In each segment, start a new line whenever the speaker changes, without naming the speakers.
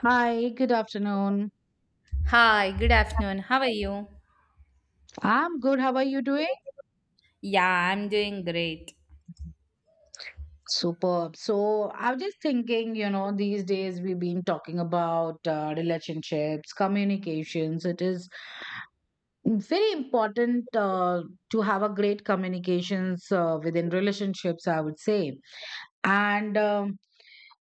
Hi, good afternoon.
Hi, good afternoon. How are you?
I'm good. How are you doing?
Yeah, I'm doing great.
Superb. So, I was just thinking, you know, these days we've been talking about relationships, communications. It is very important to have a great communications within relationships, I would say. And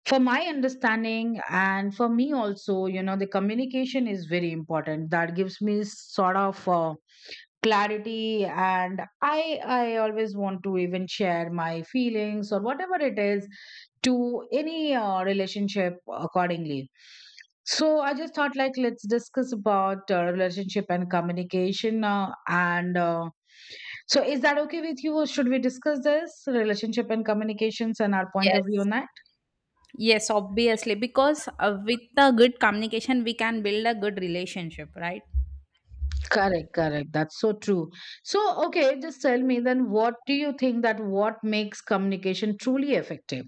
for my understanding, and for me also, you know, the communication is very important. That gives me sort of clarity. And I always want to even share my feelings or whatever it is to any relationship accordingly. So I just thought like, let's discuss about relationship and communication and So is that okay with you, or should we discuss this relationship and communications and our point of view
Yes.
on that?
Yes, obviously, because with a good communication, we can build a good relationship, right?
Correct, correct. That's so true. so okay, just tell me then, what do you think that what makes communication truly effective?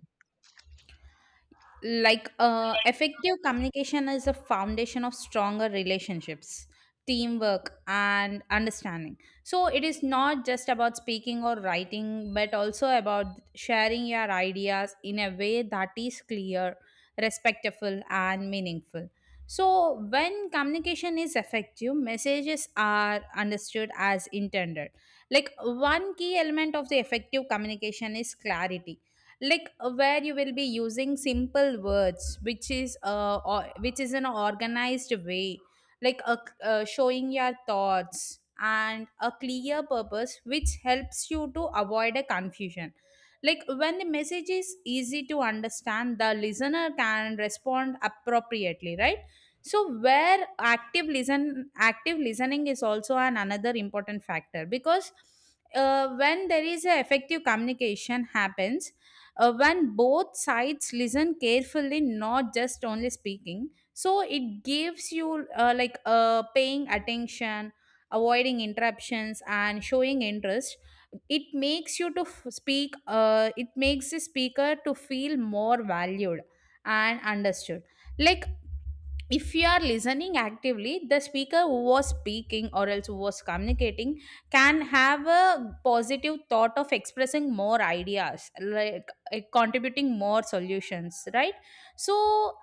Like effective communication is the foundation of stronger relationships, teamwork, and understanding. So it is not just about speaking or writing, but also about sharing your ideas in a way that is clear, respectful, and meaningful. So when communication is effective, messages are understood as intended. Like, one key element of the effective communication is clarity, like where you will be using simple words, which is which is an organized way, like a, showing your thoughts and a clear purpose, which helps you to avoid a confusion. Like, when the message is easy to understand, the listener can respond appropriately, right? So where active listening is also an another important factor, because when there is a effective communication happens, when both sides listen carefully, not just only speaking. So it gives you paying attention, avoiding interruptions, and showing interest. It makes you to f- speak it makes the speaker to feel more valued and understood. Like, if you are listening actively, the speaker who was speaking, or else who was communicating, can have a positive thought of expressing more ideas, like contributing more solutions, right? So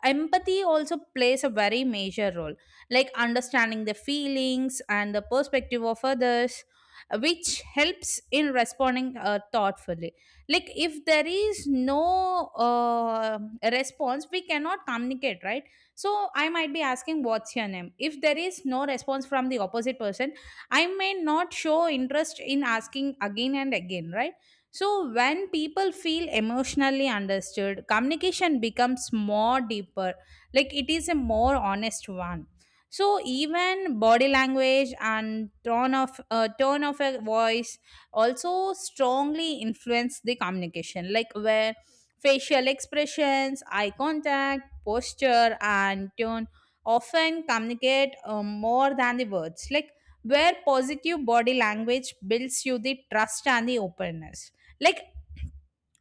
empathy also plays a very major role, like understanding the feelings and the perspective of others, which helps in responding thoughtfully. Like, if there is no uh, response, we cannot communicate, right? So I might be asking, What's your name? If there is no response from the opposite person, I may not show interest in asking again and again, right? So when people feel emotionally understood, communication becomes more deeper, like it is a more honest one. So even body language and tone of a voice also strongly influence the communication, like where facial expressions, eye contact, posture, and tone often communicate more than the words. Like, where positive body language builds you the trust and the openness. Like,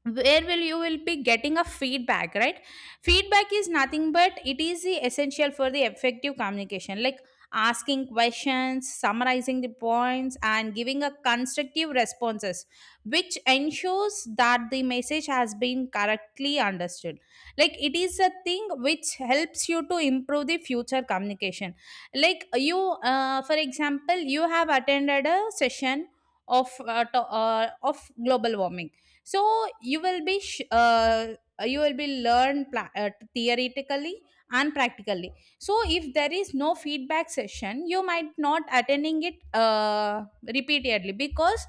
where will be getting a feedback, right? Feedback is nothing but it is the essential for the effective communication, like asking questions, summarizing the points, and giving a constructive responses, which ensures that the message has been correctly understood. Like, it is a thing which helps you to improve the future communication. Like, you for example, you have attended a session of of global warming. So you will be you will be theoretically and practically. So if there is no feedback session, you might not attending it repeatedly, because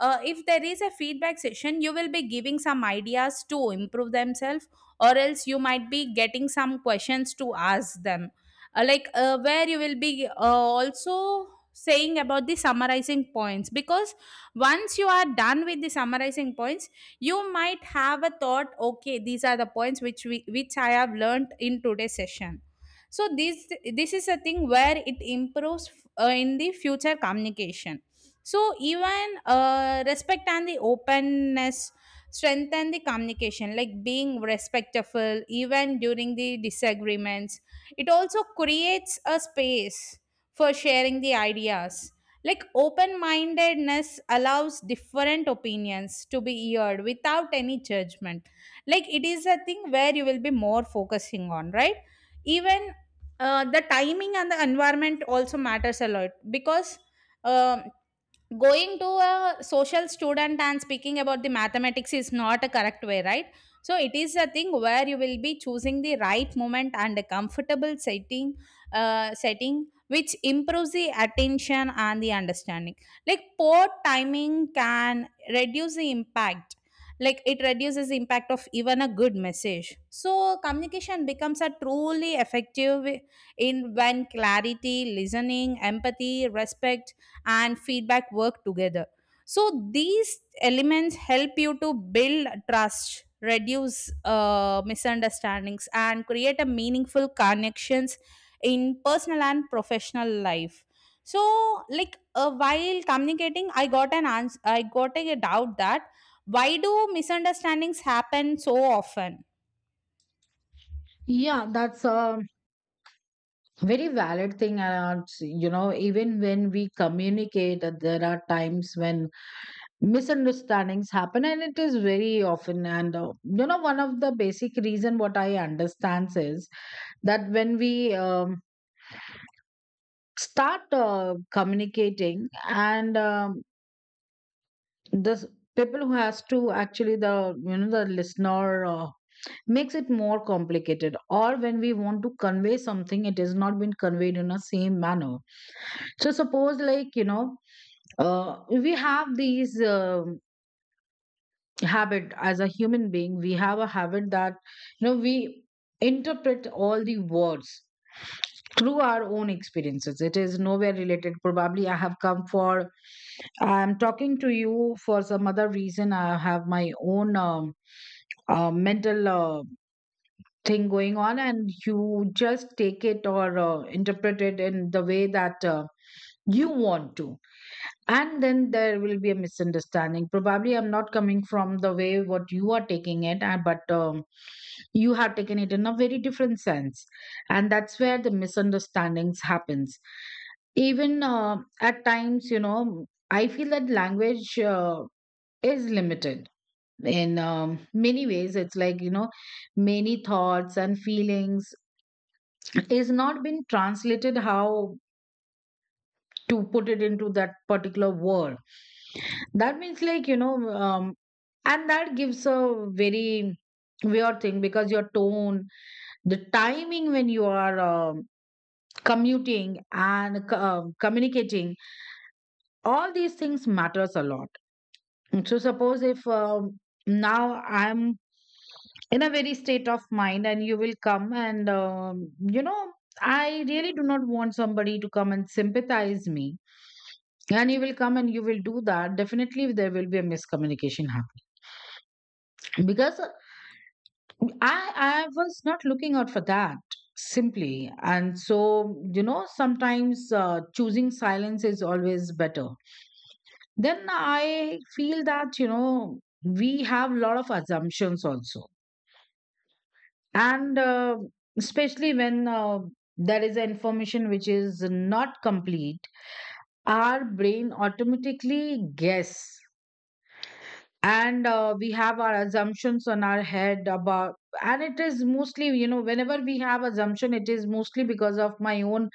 if there is a feedback session, you will be giving some ideas to improve themselves, or else you might be getting some questions to ask them. Where you will be also saying about the summarizing points, because once you are done with the summarizing points, you might have a thought, okay, these are the points which we which I have learned in today's session. So this is a thing where it improves in the future communication. So even respect and the openness strengthen the communication, like being respectful even during the disagreements. It also creates a space for sharing the ideas. Like, open mindedness allows different opinions to be heard without any judgment. Like, it is a thing where you will be more focusing on, right? Even the timing and the environment also matters a lot. Because, um going to a social student and speaking about the mathematics is not a correct way, right? So it is a thing where you will be choosing the right moment and a comfortable setting setting which improves the attention and the understanding. Like, poor timing can reduce the impact, like it reduces the impact of even a good message. So communication becomes a truly effective in when clarity, listening, empathy, respect, and feedback work together. So these elements help you to build trust, reduce misunderstandings, and create a meaningful connections in personal and professional life. So like, while communicating, I got a doubt that, why do misunderstandings happen so often?
Yeah, that's a very valid thing. And, you know, even when we communicate, there are times when misunderstandings happen, and it is very often. And, you know, one of the basic reason what I understand is that when we start communicating and the people who has to actually the, you know, the listener makes it more complicated, or when we want to convey something, it has not been conveyed in a same manner. So suppose like, you know, we have these habit as a human being. We have a habit that, you know, we interpret all the words through our own experiences. It is nowhere related. Probably I'm talking to you for some other reason. I have my own mental thing going on, and you just take it or interpret it in the way that you want to, and then there will be a misunderstanding. Probably I'm not coming from the way what you are taking it, but you have taken it in a very different sense, and that's where the misunderstandings happens. Even at times, you know, I feel that language is limited in many ways. It's like, you know, many thoughts and feelings is not been translated, how to put it into that particular word. That means like, you know, and that gives a very weird thing, because your tone, the timing when you are commuting and communicating, all these things matters a lot. So suppose if, now I'm in a very state of mind, and you will come and, you know, I really do not want somebody to come and sympathize me, and you will come and you will do that, definitely there will be a miscommunication happening. Because i I was not looking out for that simply. And so, you know, sometimes choosing silence is always better. Then I feel that, you know, we have a lot of assumptions also. And especially when there is information which is not complete, our brain automatically guess. And we have our assumptions on our head about. And it is mostly, you know, whenever we have assumption, it is mostly because of my own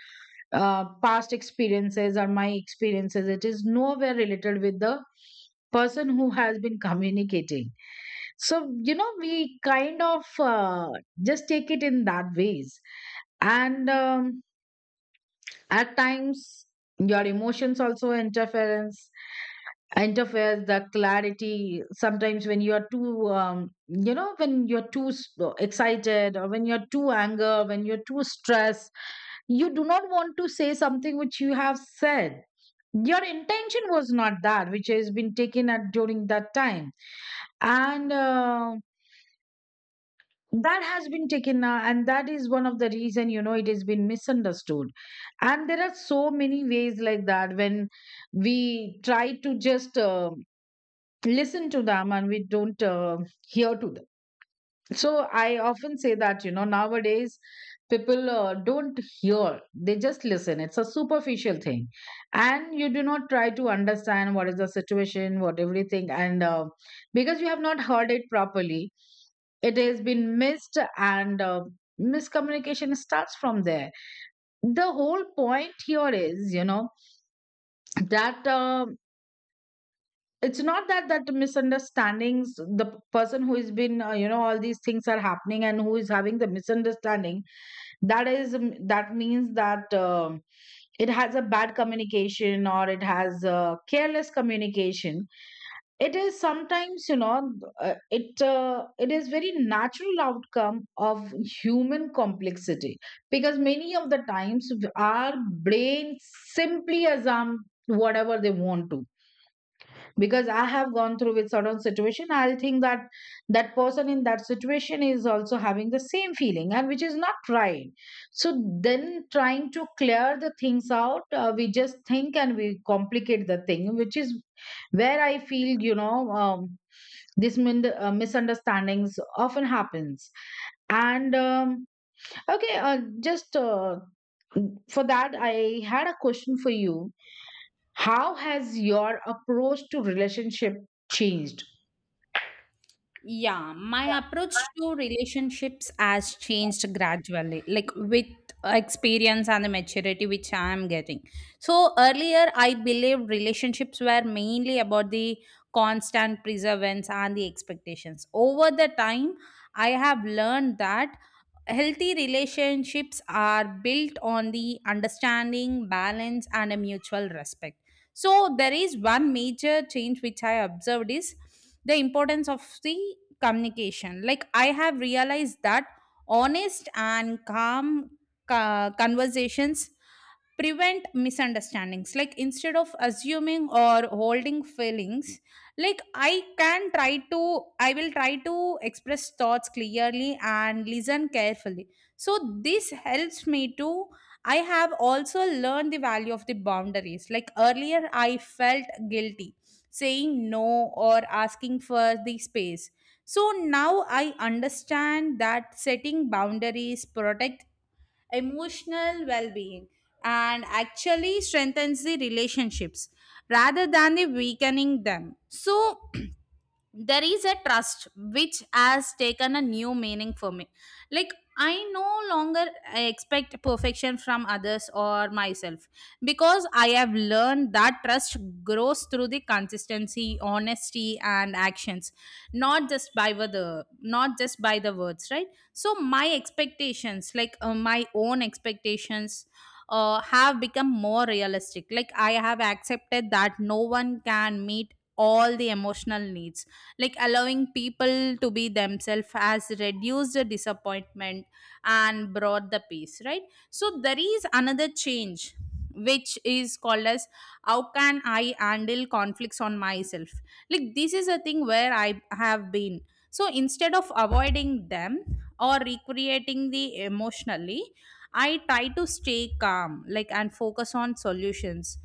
past experiences, or my experiences. It is nowhere related with the person who has been communicating. So, you know, we kind of just take it in that ways. And at times your emotions also interference interferes the clarity. Sometimes when you're too, you know, when you're too excited, or when you're too anger, when you're too stressed, you do not want to say something which you have said. Your intention was not that, which has been taken at during that time, and that has been taken now, and that is one of the reason, you know, it has been misunderstood. And there are so many ways like that, when we try to just listen to them and we don't hear to them. So I often say that, you know, nowadays people don't hear, they just listen. It's a superficial thing. And you do not try to understand what is the situation, what everything. And because you have not heard it properly, it has been missed, and miscommunication starts from there. The whole point here is, you know, that, it's not that that the misunderstandings, the person who has been, you know, all these things are happening, and who is having the misunderstanding, that is, that means that, it has a bad communication, or it has careless communication. It is sometimes, you know, it is very natural outcome of human complexity. Because many of the times our brain simply assume whatever they want to. Because I have gone through with certain situation, I think that that person in that situation is also having the same feeling, and which is not right. So then, trying to clear the things out, we just think and we complicate the thing, which is where I feel, you know, this misunderstandings often happens. And okay, just for that, I had a question for you. How has your approach to relationship changed?
Yeah, my approach to relationships has changed gradually, like with experience and the maturity which I am getting. So, earlier I believed relationships were mainly about the constant perseverance and the expectations. Over the time, I have learned that healthy relationships are built on the understanding, balance, and a mutual respect. So, there is one major change which I observed is the importance of the communication. Like, I have realized that honest and calm conversations prevent misunderstandings, like instead of assuming or holding feelings, like i can try to I will try to express thoughts clearly and listen carefully. So this helps me to... I have also learned the value of the boundaries. Like, earlier I felt guilty saying no, or asking for the space. So now I understand that setting boundaries protect emotional well being, and actually strengthens the relationships rather than the weakening them. So, there is a trust which has taken a new meaning for me. Like, I no longer expect perfection from others or myself, because I have learned that trust grows through the consistency, honesty, and actions, not just by the words, right? So my expectations like my own expectations have become more realistic. Like, I have accepted that no one can meet all the emotional needs. Like, allowing people to be themselves has reduced the disappointment and brought the peace, right? So there is another change, which is called as, how can I handle conflicts on myself. Like, this is a thing where I have been. So instead of avoiding them or recreating the emotionally, I try to stay calm, like, and focus on solutions.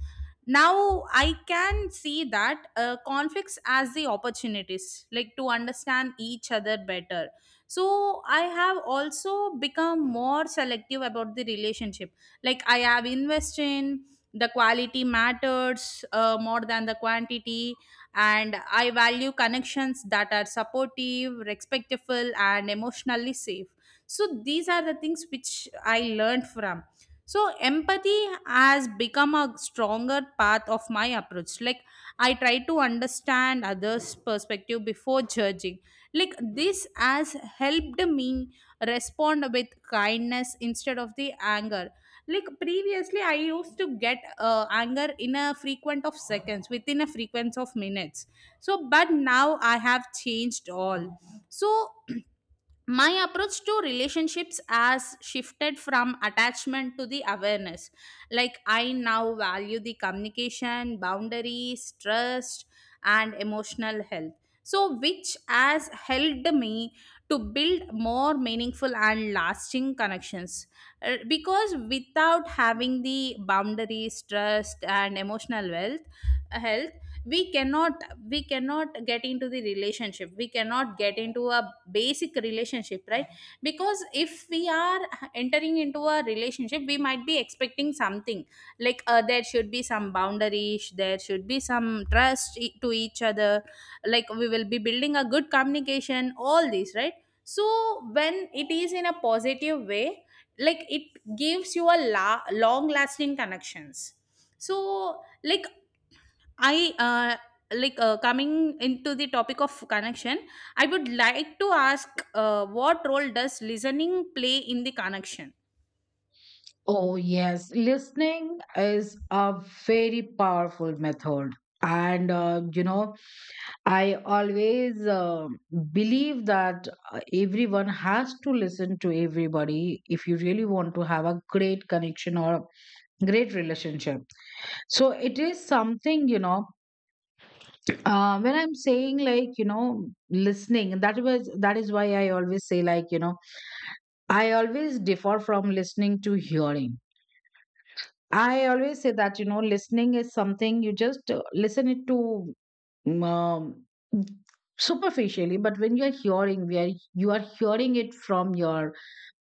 Now I can see that conflicts as the opportunities, like to understand each other better. So I have also become more selective about the relationship. Like, I have invested in the quality matters more than the quantity, and I value connections that are supportive, respectful, and emotionally safe. So these are the things which I learned from. So empathy has become a stronger part of my approach. Like, I try to understand others' perspective before judging. Like, this has helped me respond with kindness instead of the anger. Like, previously I used to get anger in a frequent of seconds, within a frequency of minutes. So but now I have changed all. So my approach to relationships has shifted from attachment to the awareness. Like, I now value the communication, boundaries, trust, and emotional health, so which has helped me to build more meaningful and lasting connections. Because without having the boundaries, trust, and emotional wealth health, we cannot we cannot get into the relationship, we cannot get into a basic relationship, right? Because if we are entering into a relationship, we might be expecting something. Like, there should be some boundaries, there should be some trust to each other. Like, we will be building a good communication, all these, right? So when it is in a positive way, like it gives you a long lasting connections. So like, I like coming into the topic of connection, I would like to ask, what role does listening play in the connection?
Oh, yes. Listening is a very powerful method. And, you know, I always believe that everyone has to listen to everybody if you really want to have a great connection or a great relationship. So it is something, you know, when I'm saying like, you know, listening, that is why I always say like, you know, I always differ from listening to hearing. I always say that, you know, listening is something you just listen it to mm, um, superficially. But when you're hearing, where you are hearing it from your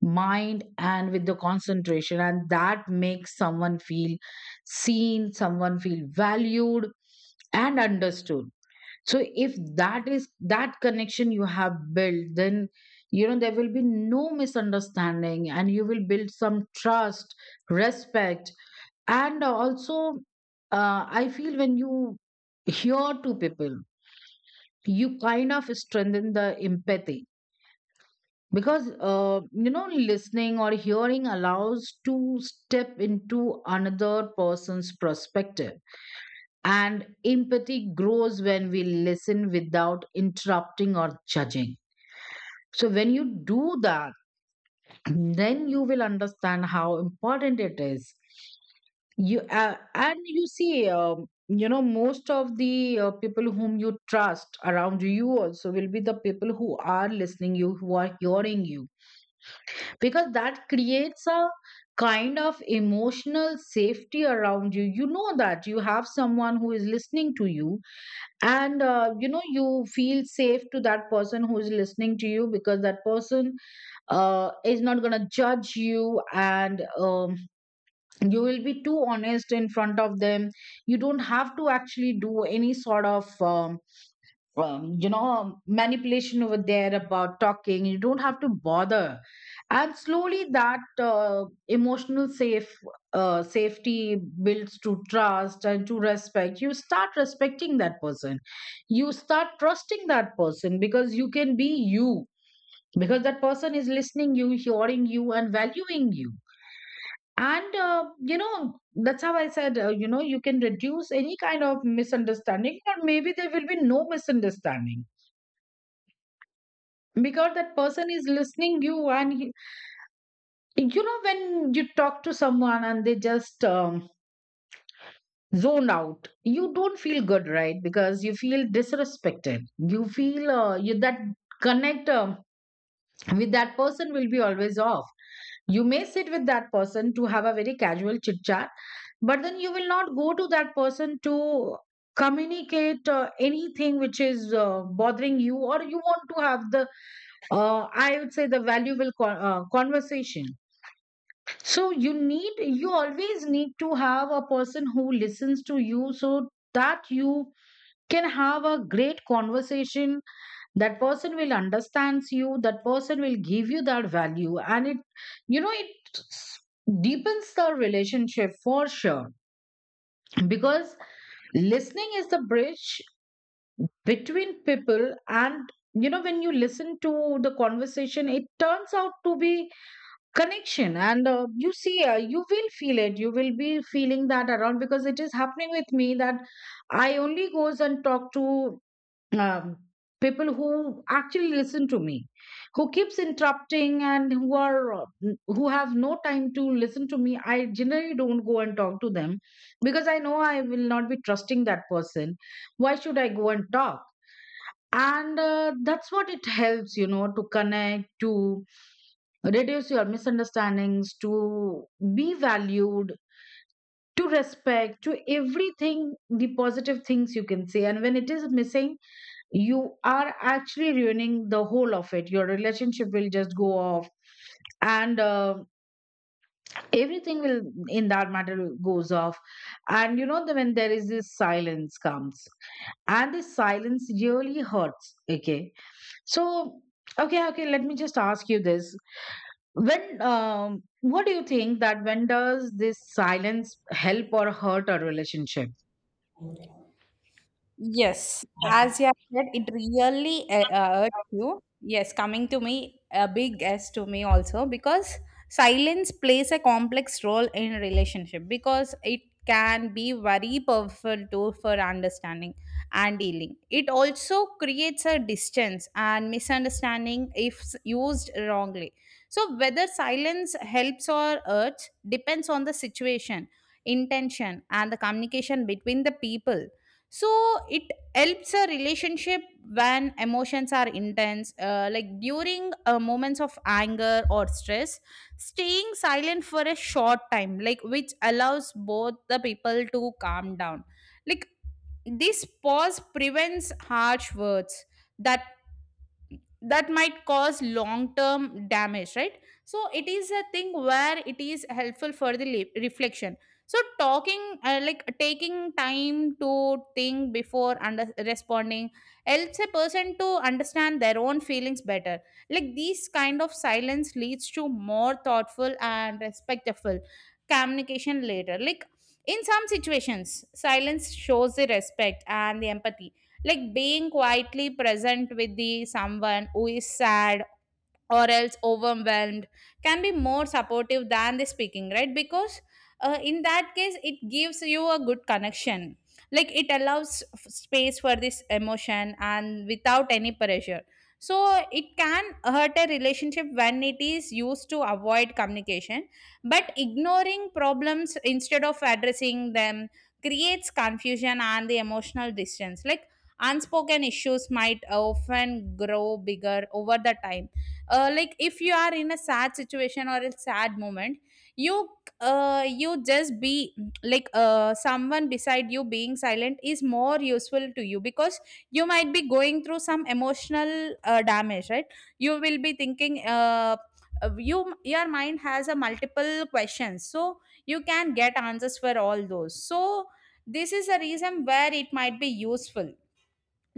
mind and with the concentration, and that makes someone feel seen, someone feel valued and understood. So, if that is that connection you have built, then, you know, there will be no misunderstanding, and you will build some trust, respect. And also I feel when you hear to people, you kind of strengthen the empathy. Because, you know, listening or hearing allows to step into another person's perspective, and empathy grows when we listen without interrupting or judging. So, when you do that, then you will understand how important it is. You And you see, you know, most of the people whom you trust around you also will be the people who are listening you, who are hearing you, because that creates a kind of emotional safety around you. You know that you have someone who is listening to you. And you know, you feel safe to that person who is listening to you, because that person is not going to judge you. And you will be too honest in front of them. You don't have to actually do any sort of you know, manipulation over there about talking. You don't have to bother. And slowly, that emotional safety builds to trust and to respect. You start respecting that person, you start trusting that person, because you can be you, because that person is listening you, hearing you, and valuing you. And you know, that's how I said, you know, you can reduce any kind of misunderstanding, or maybe there will be no misunderstanding, because that person is listening you. And he, you know, when you talk to someone and they just zone out, you don't feel good, right? Because you feel disrespected, you feel, you that connect with that person will be always off. You may sit with that person to have a very casual chit chat, but then you will not go to that person to communicate anything which is bothering you, or you want to have the, I would say, the valuable conversation. So you need, you always need to have a person who listens to you, so that you can have a great conversation. That person will understands you. That person will give you that value. And it deepens the relationship for sure because listening is the bridge between people. And you know, when you listen to the conversation, it turns out to be connection, and you see, you will feel it. You will be feeling that around because it is happening with me that I only goes and talk to um, people who actually listen to me. Who keeps interrupting and who are who have no time to listen to me, I generally don't go and talk to them because I know I will not be trusting that person. Why should I go and talk? And that's what it helps, you know, to connect, to reduce your misunderstandings, to be valued, to respect, to everything, the positive things you can say. And when it is missing, you are actually ruining the whole of it. Your relationship will just go off, and everything will, in that matter, goes off. And when there is this silence comes, and this silence really hurts, okay? So okay, okay, let me just ask you this. When what do you think that when does this silence help or hurt a relationship?
Yes, as you have said, it really hurts you. Yes, coming to me, a big S to me also, because silence plays a complex role in relationship, because it can be very powerful tool for understanding and dealing. It also creates a distance and misunderstanding if used wrongly. So whether silence helps or hurts depends on the situation, intention, and the communication between the people. So it helps a relationship when emotions are intense, like during moments of anger or stress, staying silent for a short time, like which allows both the people to calm down. Like, this pause prevents harsh words that that might cause long term damage, right? So it is a thing where it is helpful for the reflection. So talking like, taking time to think before under responding helps a person to understand their own feelings better. Like, these kind of silence leads to more thoughtful and respectful communication later. Like, in some situations silence shows the respect and the empathy. Like, being quietly present with the someone who is sad or else overwhelmed can be more supportive than the speaking, right? Because in that case it gives you a good connection. Like, it allows space for this emotion and without any pressure. So it can hurt a relationship when it is used to avoid communication, but ignoring problems instead of addressing them creates confusion and the emotional distance. Like, unspoken issues might often grow bigger over the time. Uh, like if you are in a sad situation or a sad moment, you you just be, like, someone beside you being silent is more useful to you, because you might be going through some emotional damage, right? You will be thinking, you your mind has a multiple questions, so you can get answers for all those. So this is a reason where it might be useful.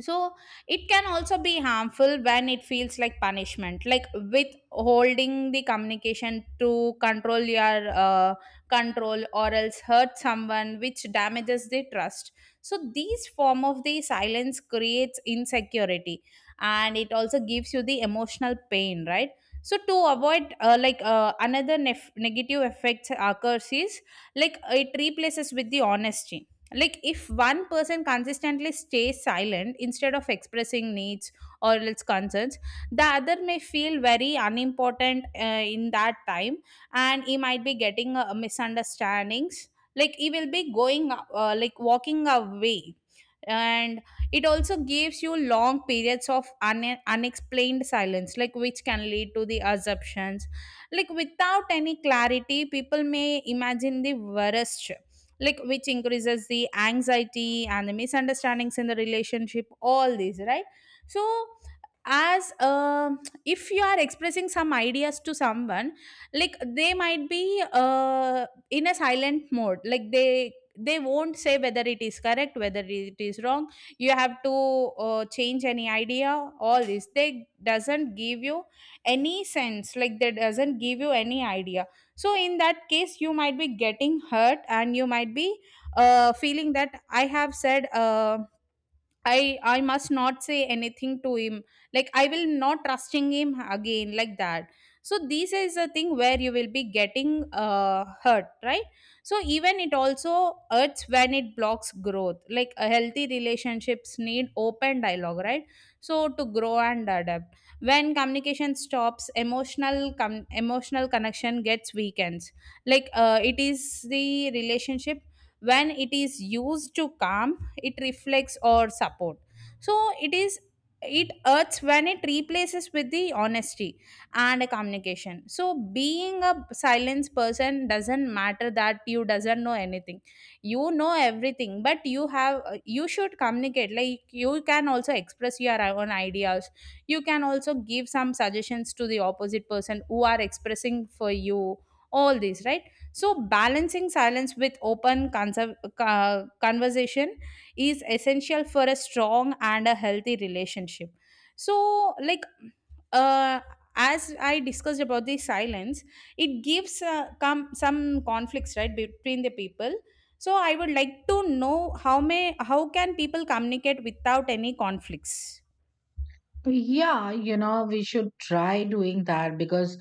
So it can also be harmful when it feels like punishment, like withholding the communication to control your control or else hurt someone, which damages the trust. So these form of the silence creates insecurity, and it also gives you the emotional pain, right? So to avoid another negative effect occurs is, like, it replaces with the honesty. Like, if one person consistently stays silent instead of expressing needs or its concerns, the other may feel very unimportant in that time, and he might be getting misunderstandings. Like, he will be going like walking away. And it also gives you long periods of unexplained silence, like, which can lead to the assumptions. Like, without any clarity, people may imagine the worst, like which increases the anxiety and the misunderstandings in the relationship, all these, right? So, as if you are expressing some ideas to someone, like they might be in a silent mode. Like, they won't say whether it is correct, whether it is wrong. You have to change any idea, all this, they doesn't give you any sense. Like, they doesn't give you any idea. So in that case, you might be getting hurt, and you might be feeling that I have said I must not say anything to him. Like, I will not trusting him again like that. So this is a thing where you will be getting hurt, right? So even it also hurts when it blocks growth. Like, a healthy relationships need open dialogue, right? So to grow and adapt. When communication stops, emotional connection gets weakens. Like, it is the relationship when it is used to calm, it reflects or support. So it is... it hurts when it replaces with the honesty and communication. So being a silence person doesn't matter that you doesn't know anything, you know everything. But you have, you should communicate. Like, you can also express your own ideas, you can also give some suggestions to the opposite person who are expressing for you, all these, right? So balancing silence with open conserv- conversation is essential for a strong and a healthy relationship. So like, uh, as I discussed about the silence, it gives some conflicts, right, between the people. So I would like to know, how can people communicate without any conflicts?
Yeah, you know, we should try doing that because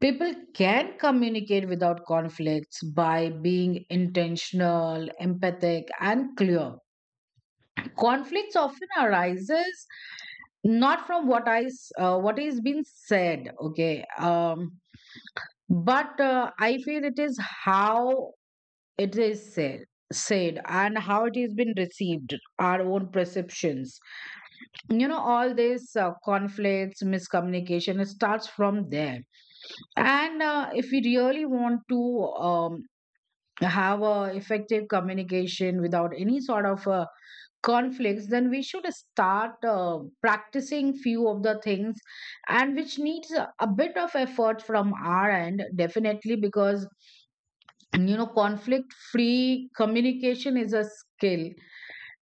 people can communicate without conflicts by being intentional, empathic, and clear. Conflicts often arises not from what is being said, okay, but I feel it is how It is said, said, and how it has been received, our own perceptions. You know, all this conflicts, miscommunication, it starts from there. And if we really want to have a effective communication without any sort of conflicts, then we should start practicing few of the things, and which needs a bit of effort from our end, definitely, because, and you know, conflict free communication is a skill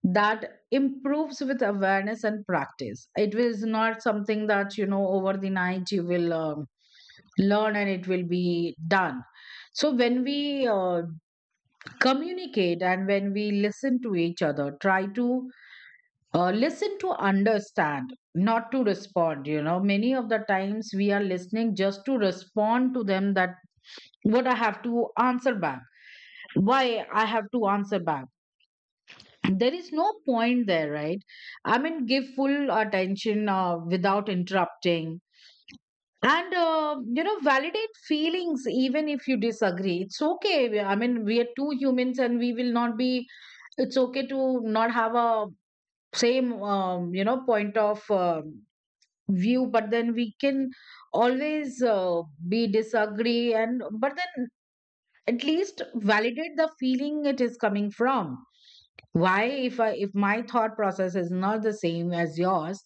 that improves with awareness and practice. It is not something that, you know, over the night you will learn and it will be done. So, when we communicate and when we listen to each other, try to listen to understand, not to respond. You know, many of the times we are listening just to respond to them, that what I have to answer back, why I have to answer back. There is no point there, right? I mean, give full attention without interrupting, and you know, validate feelings even if you disagree. It's okay. I mean, we are two humans and we will not be, it's okay to not have a same you know, point of view, but then we can always be disagree, and but then at least validate the feeling it is coming from. Why if I, if my thought process is not the same as yours,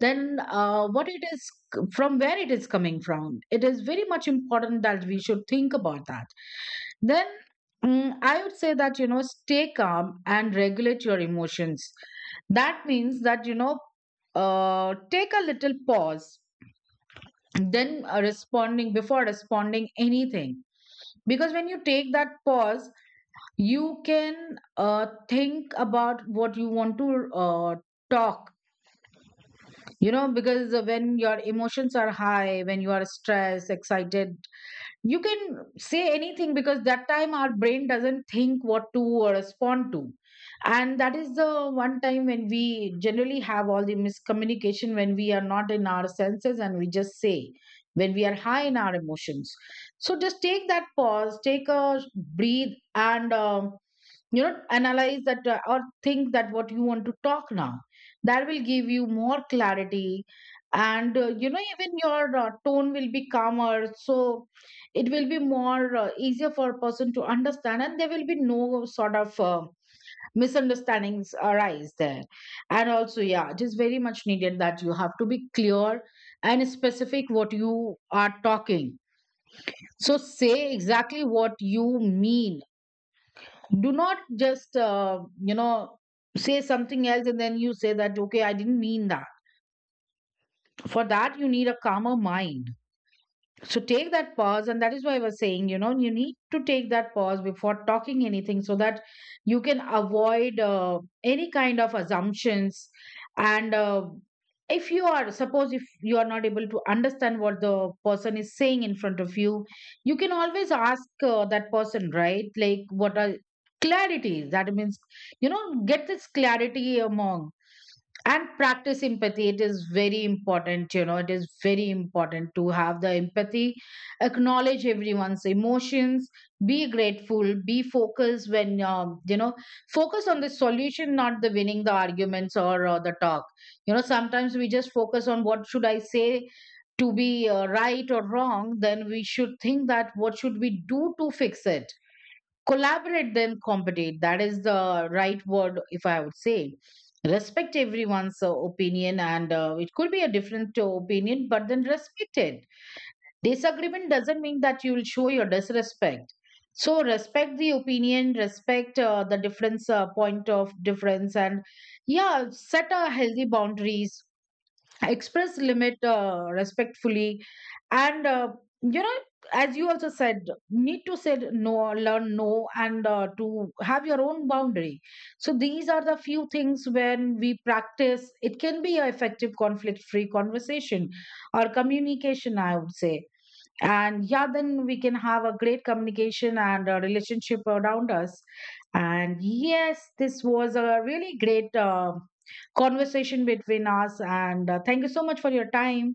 then what it is, from where it is coming from, it is very much important that we should think about that. Then I would say that, you know, stay calm and regulate your emotions. That means that, you know, take a little pause, then responding, before responding anything. Because when you take that pause, you can think about what you want to talk. You know, because when your emotions are high, when you are stressed, excited, you can say anything, because that time our brain doesn't think what to respond to. And that is the one time when we generally have all the miscommunication, when we are not in our senses and we just say, when we are high in our emotions. So just take that pause, take a breathe, and you know, analyze that, or think that what you want to talk now. That will give you more clarity. And you know, even your tone will be calmer, so it will be more easier for a person to understand, and there will be no sort of misunderstandings arise there. And also, yeah, it is very much needed that you have to be clear and specific what you are talking. So say exactly what you mean. Do not just you know, say something else and then you say that okay, I didn't mean that. For that you need a calmer mind. So take that pause, and that is why I was saying, you know, you need to take that pause before talking anything so that you can avoid any kind of assumptions. And if you are, suppose if you are not able to understand what the person is saying in front of you, you can always ask that person, right? Like, what are clarity? That means, you know, get this clarity among. And practice empathy, it is very important. You know, it is very important to have the empathy. Acknowledge everyone's emotions, be grateful, be focused. When you know, focus on the solution, not the winning the arguments or the talk. You know, sometimes we just focus on what should I say to be right or wrong. Then we should think that what should we do to fix it. Collaborate then compete, that is the right word, if I would say. Respect everyone's opinion, and it could be a different opinion, but then respect it. Disagreement doesn't mean that you will show your disrespect. So respect the opinion, respect the difference, point of difference. And yeah, set a healthy boundaries, express limit respectfully. And you know, as you also said, need to say no, learn no, and to have your own boundary. So these are the few things when we practice, it can be a effective conflict free conversation or communication, I would say. And yeah, then we can have a great communication and a relationship around us. And yes, this was a really great conversation between us, and thank you so much for your time.